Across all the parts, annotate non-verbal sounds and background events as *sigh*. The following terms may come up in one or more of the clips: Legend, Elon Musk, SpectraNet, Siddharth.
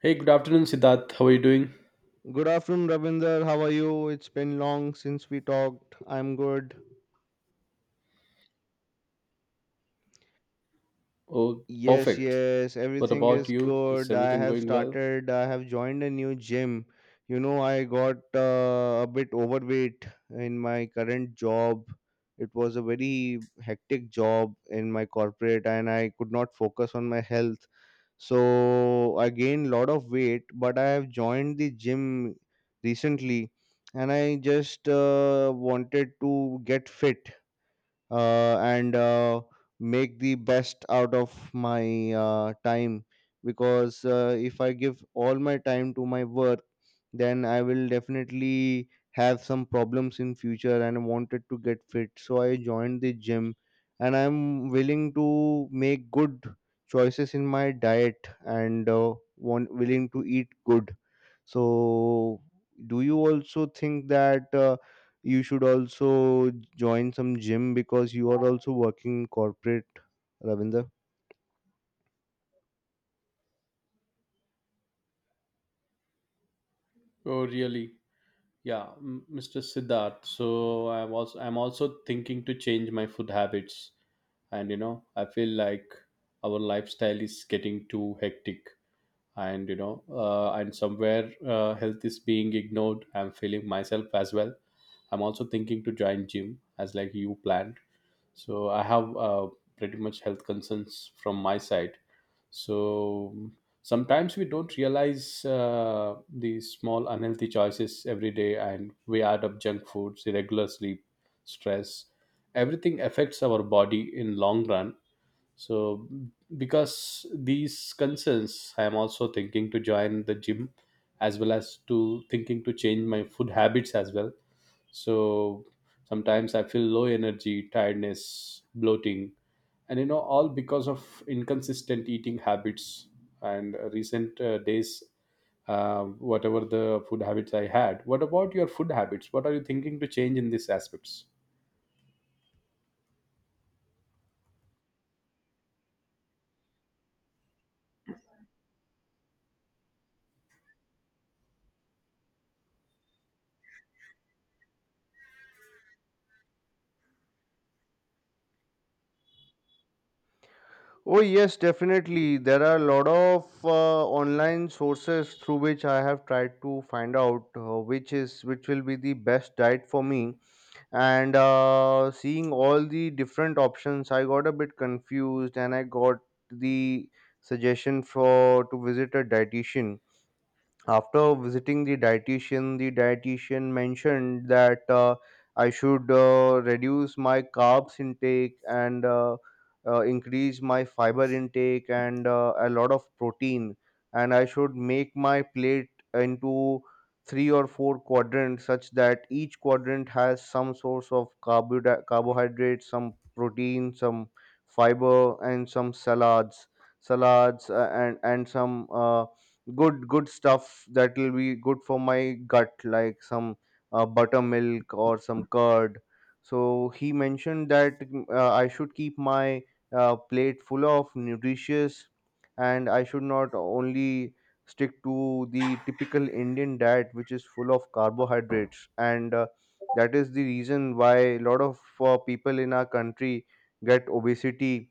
Hey, good afternoon, Siddharth. How are you doing? Good afternoon, Ravinder. How are you? It's been long since we talked. I'm good. Oh, Yes, perfect. yes, What everything about is you? Is good. Everything going well? I have joined a new gym. I got a bit overweight in my current job. It was a very hectic job in my corporate, and I could not focus on my health. So I gained lot of weight, but I have joined the gym recently, and I just wanted to get fit, and make the best out of my time, because if I give all my time to my work, then I will definitely have some problems in future, and I wanted to get fit, so I joined the gym. And I'm willing to make good choices in my diet, and want willing to eat good. So, do you also think that you should also join some gym, because you are also working in corporate, Ravinder? Oh, really? Yeah, Mr. Siddharth. I'm also thinking to change my food habits, and you know I feel like our lifestyle is getting too hectic, and you know and somewhere health is being ignored. I'm feeling myself as well. I'm also thinking to join gym as like you planned. So I have pretty much health concerns from my side. So sometimes we don't realize these small unhealthy choices every day, and we add up junk foods, irregular sleep, stress. Everything affects our body in long run. So because these concerns, I am also thinking to join the gym, as well as to thinking to change my food habits as well. So sometimes I feel low energy, tiredness, bloating, and you know, all because of inconsistent eating habits, and recent days, whatever the food habits I had. What about your food habits? What are you thinking to change in these aspects? Oh, yes, definitely. There are a lot of online sources through which I have tried to find out which will be the best diet for me. And seeing all the different options, I got a bit confused, and I got the suggestion for to visit a dietitian. After visiting the dietitian, the dietitian mentioned that I should reduce my carbs intake, and increase my fiber intake, and a lot of protein. And I should make my plate into three or four quadrants, such that each quadrant has some source of carbohydrate, some protein, some fiber, and some salads, and some good stuff that will be good for my gut, like some buttermilk or some curd. So he mentioned that I should keep my plate full of nutritious, and I should not only stick to the typical Indian diet, which is full of carbohydrates, and that is the reason why a lot of people in our country get obesity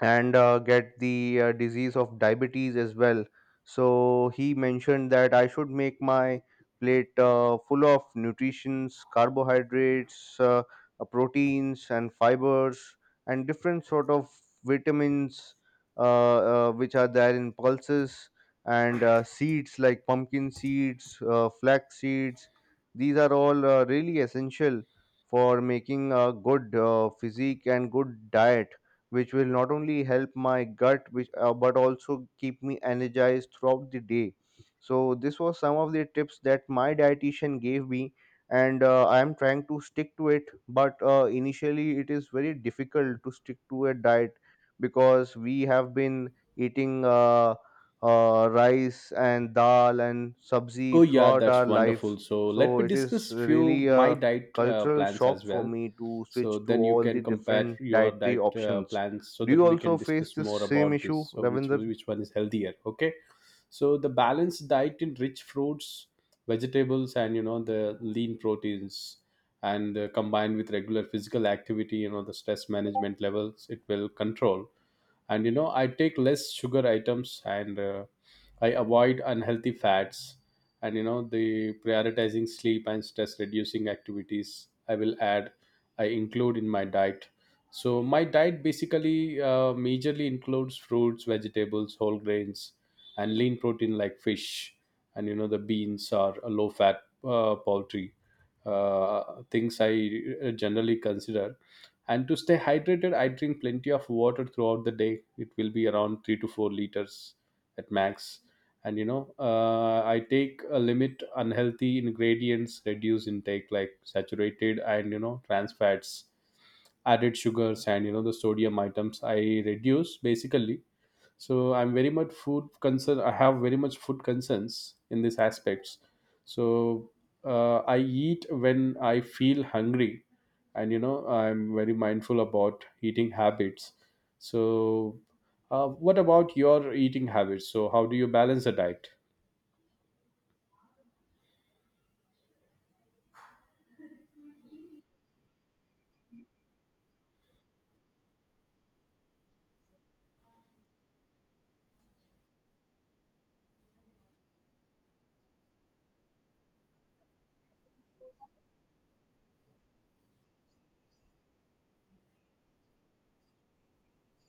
and get the disease of diabetes as well. So he mentioned that I should make my plate full of nutritions, carbohydrates, proteins, and fibers, and different sort of vitamins, uh, which are there in pulses, and seeds like pumpkin seeds, flax seeds. These are all really essential for making a good physique and good diet, which will not only help my gut, which but also keep me energized throughout the day. So this was some of the tips that my dietitian gave me, and I am trying to stick to it, but initially it is very difficult to stick to a diet, because we have been eating rice and dal and Oh sabzi yeah, throughout our that's life. wonderful. So let So me it is discuss few really my a diet cultural plans shock as for well. me to So switch to then you all the can compare different your dietary diet options. plans so Do you that we also can face discuss this more same about this. issue, So Ravinder? Which one is healthier? Okay. So the balanced diet in rich fruits, vegetables, and you know the lean proteins, and combined with regular physical activity, you know, the stress management levels, it will control. And you know, I take less sugar items, and I avoid unhealthy fats, and you know, the prioritizing sleep and stress reducing activities I will add, I include in my diet. So my diet basically majorly includes fruits, vegetables, whole grains, and lean protein like fish, and you know, the beans or low fat poultry things I generally consider. And to stay hydrated, I drink plenty of water throughout the day. It will be around 3 to 4 liters at max. And you know, I take a limit unhealthy ingredients, reduce intake, like saturated and you know, trans fats, added sugars, and you know, the sodium items I reduce basically. So I'm very much food concern, I have very much food concerns in these aspects. So I eat when I feel hungry, and you know, I'm very mindful about eating habits. So what about your eating habits? So how do you balance a diet?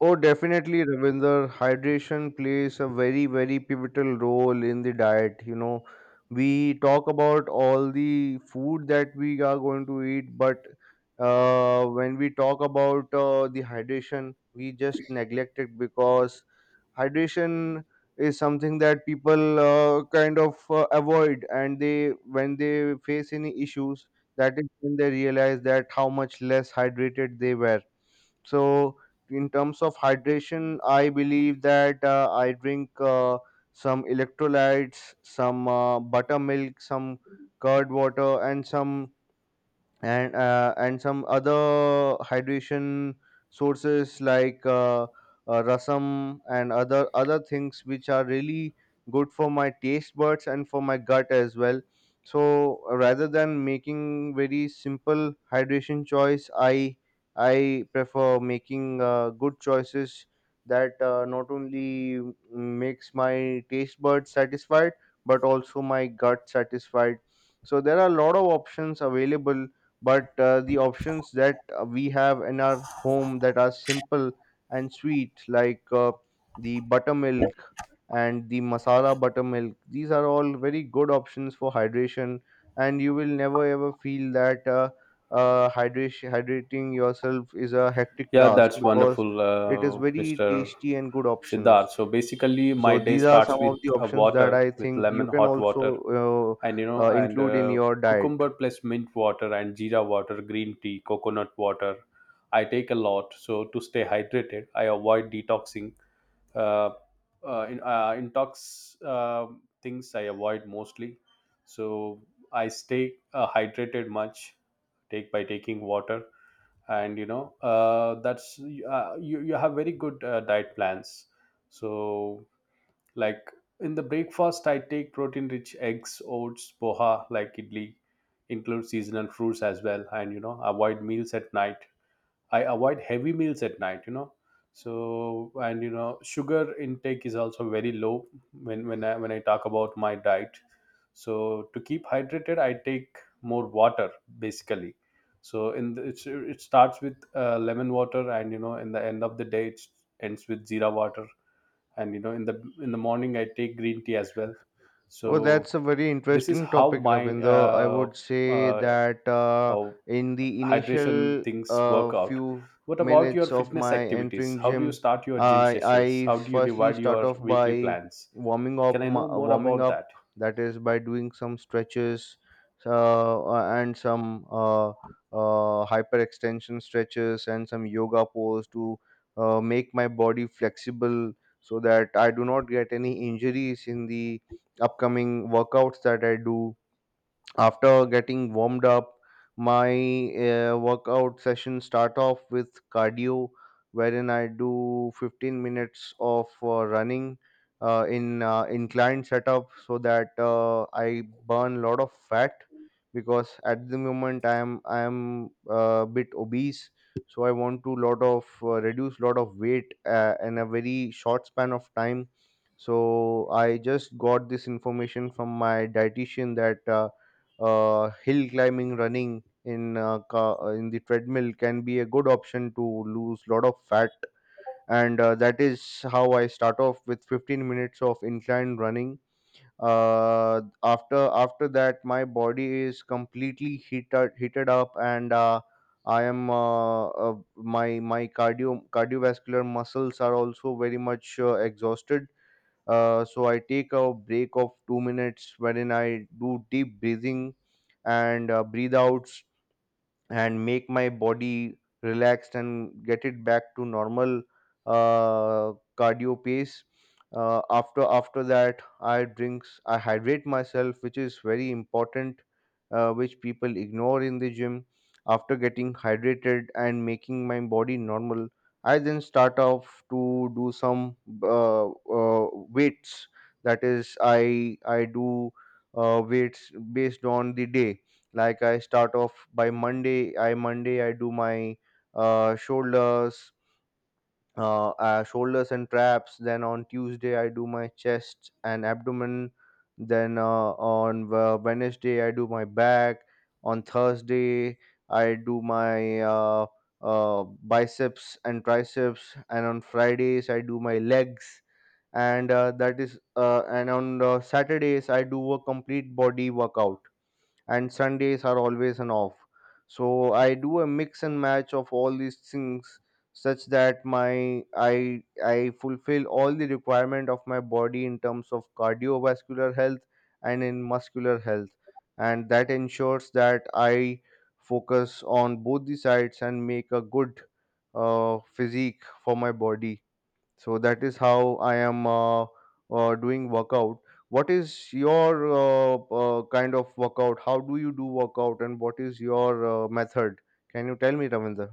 Oh, definitely, Ravinder. Hydration plays a very, very pivotal role in the diet. You know, we talk about all the food that we are going to eat, but when we talk about the hydration, we just neglect it, because hydration is something that people kind of avoid, and they, when they face any issues, that is when they realize that how much less hydrated they were. So in terms of hydration, I believe that I drink some electrolytes, some buttermilk, some curd water, and some other hydration sources like rasam and other things, which are really good for my taste buds and for my gut as well. So rather than making very simple hydration choice, I prefer making good choices that not only makes my taste buds satisfied, but also my gut satisfied. So there are a lot of options available, but the options that we have in our home that are simple and sweet, like the buttermilk and the masala buttermilk, these are all very good options for hydration, and you will never ever feel that hydration hydrating yourself is a hectic Yeah, task, that's because wonderful, it is very Mr. tasty and good options. Siddharth. So basically, my So day these are starts some with of the a options that water, I with think you lemon, can hot also water, and you know and include in your diet. cucumber plus mint water, and jeera water, green tea, coconut water I take a lot. So to stay hydrated, I avoid detoxing, uh, intox things I avoid mostly. So I stay hydrated much, take by taking water. And you know, that's you have very good diet plans. So like in the breakfast, I take protein rich eggs, oats, poha, like idli, include seasonal fruits as well. And you know, avoid meals at night, I avoid heavy meals at night, you know. So and you know, sugar intake is also very low when I talk about my diet. So to keep hydrated, I take more water basically. So it starts with lemon water, and you know, in the end of the day, it ends with zira water. And you know, in the morning I take green tea as well. So Oh, that's a very this is interesting how topic, my Ravinder. I would say uh, that how in the hydration initial things work out. few What about your minutes of fitness my activities? entering How do you gym, start your gym I sessions? I How do you firstly divide start your off weekly by plans? warming Can upI know more about that? That is by doing some stretches uh, and some hyperextension stretches and some yoga pose to make my body flexible, so that I do not get any injuries in the upcoming workouts that I do. After getting warmed up, my workout session start off with cardio, wherein I do 15 minutes of running in inclined setup, so that I burn a lot of fat, because at the moment I am a bit obese. So I want to lot of reduce lot of weight in a very short span of time. So I just got this information from my dietitian that hill climbing, running in in the treadmill can be a good option to lose lot of fat. And that is how I start off with 15 minutes of incline running. After that, my body is completely heated up, and I am my cardiovascular muscles are also very much exhausted. So I take a break of 2 minutes, wherein I do deep breathing and breathe out, and make my body relaxed, and get it back to normal uh, cardio pace. After that, I hydrate myself, which is very important, which people ignore in the gym. After getting hydrated and making my body normal, I then start off to do some weights. That is, I do weights based on the day. Like I start off by Monday, I do my uh, shoulders shoulders and traps. Then on Tuesday I do my chest and abdomen, then on Wednesday I do my back. On Thursday I do my biceps and triceps, and on Fridays I do my legs. And that is and on Saturdays I do a complete body workout, and Sundays are always an off. So I do a mix and match of all these things, such that my I fulfill all the requirement of my body in terms of cardiovascular health and in muscular health. And that ensures that I focus on both the sides and make a good physique for my body. So that is how I am doing workout. What is your kind of workout? How do you do workout, and what is your method? Can you tell me, Ravinder?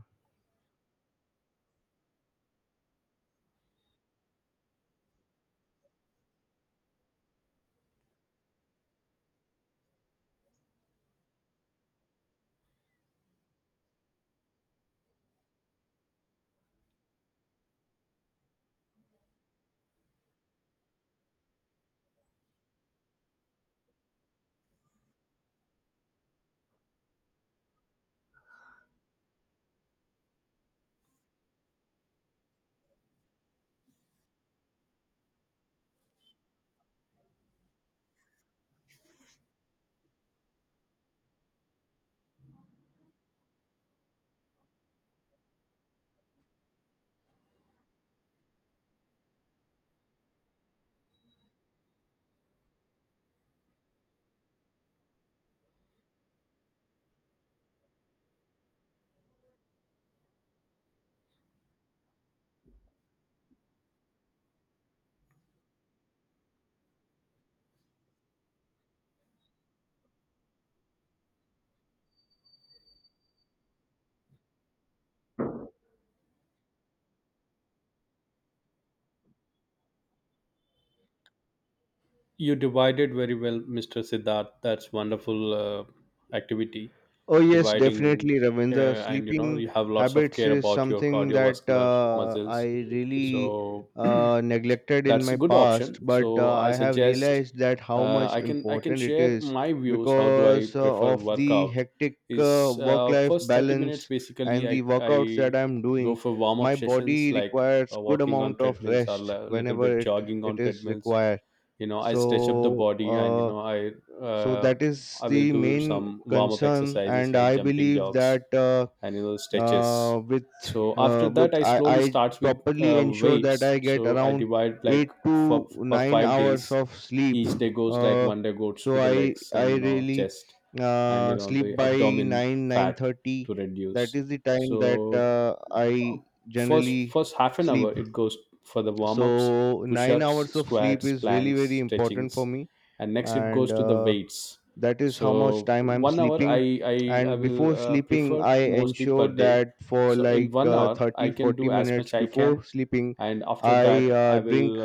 You divided very well, Mr. Siddharth. That's wonderful activity. Oh yes, Dividing, definitely, Ravindra. and you know, Sleeping you have lots of habits care is about your something that cardiovascular I muscles. really So *clears throat* neglected in that's a my good option. past, but So I I have suggest, realized that how uh, much i can i can important it share is, my views how do I because prefer of the workout hectic is work-life first 30 minutes balance basically. and i the workouts that i I'm go doing. for warm up My sessions, body like requires good walking on amount of treadmills or rest a little bit whenever it jogging it on is treadmills. required. You know, I stretch up the So. body, and you Uh, know i so uh, that is I will the do main some warm up concern, exercises and like I jumping believe jocks that and you know, stretches. So after that, with I I, slowly I starts with properly ensure that I weights. get So I around divide like 8 to for 9 five hours days of sleep. each day goes like uh, one day goes so to the i legs and i you know, really chest, and you know, sleep the by abdomen 9 fat 9:30. to That reduce. is the time that So uh, I first generally first half an hour sleep. it goes for the warm-ups, So 9 push-ups, hours of sleep squats, is really planks, very important for stretchings, me. and next it And goes to the weights. that is how much So time I'm 1 hour sleeping. I And will before sleeping, prefer I mostly ensure per day. that for So in like one hour I 30 can forty do as minutes much I can, before sleeping, and after I that I drink will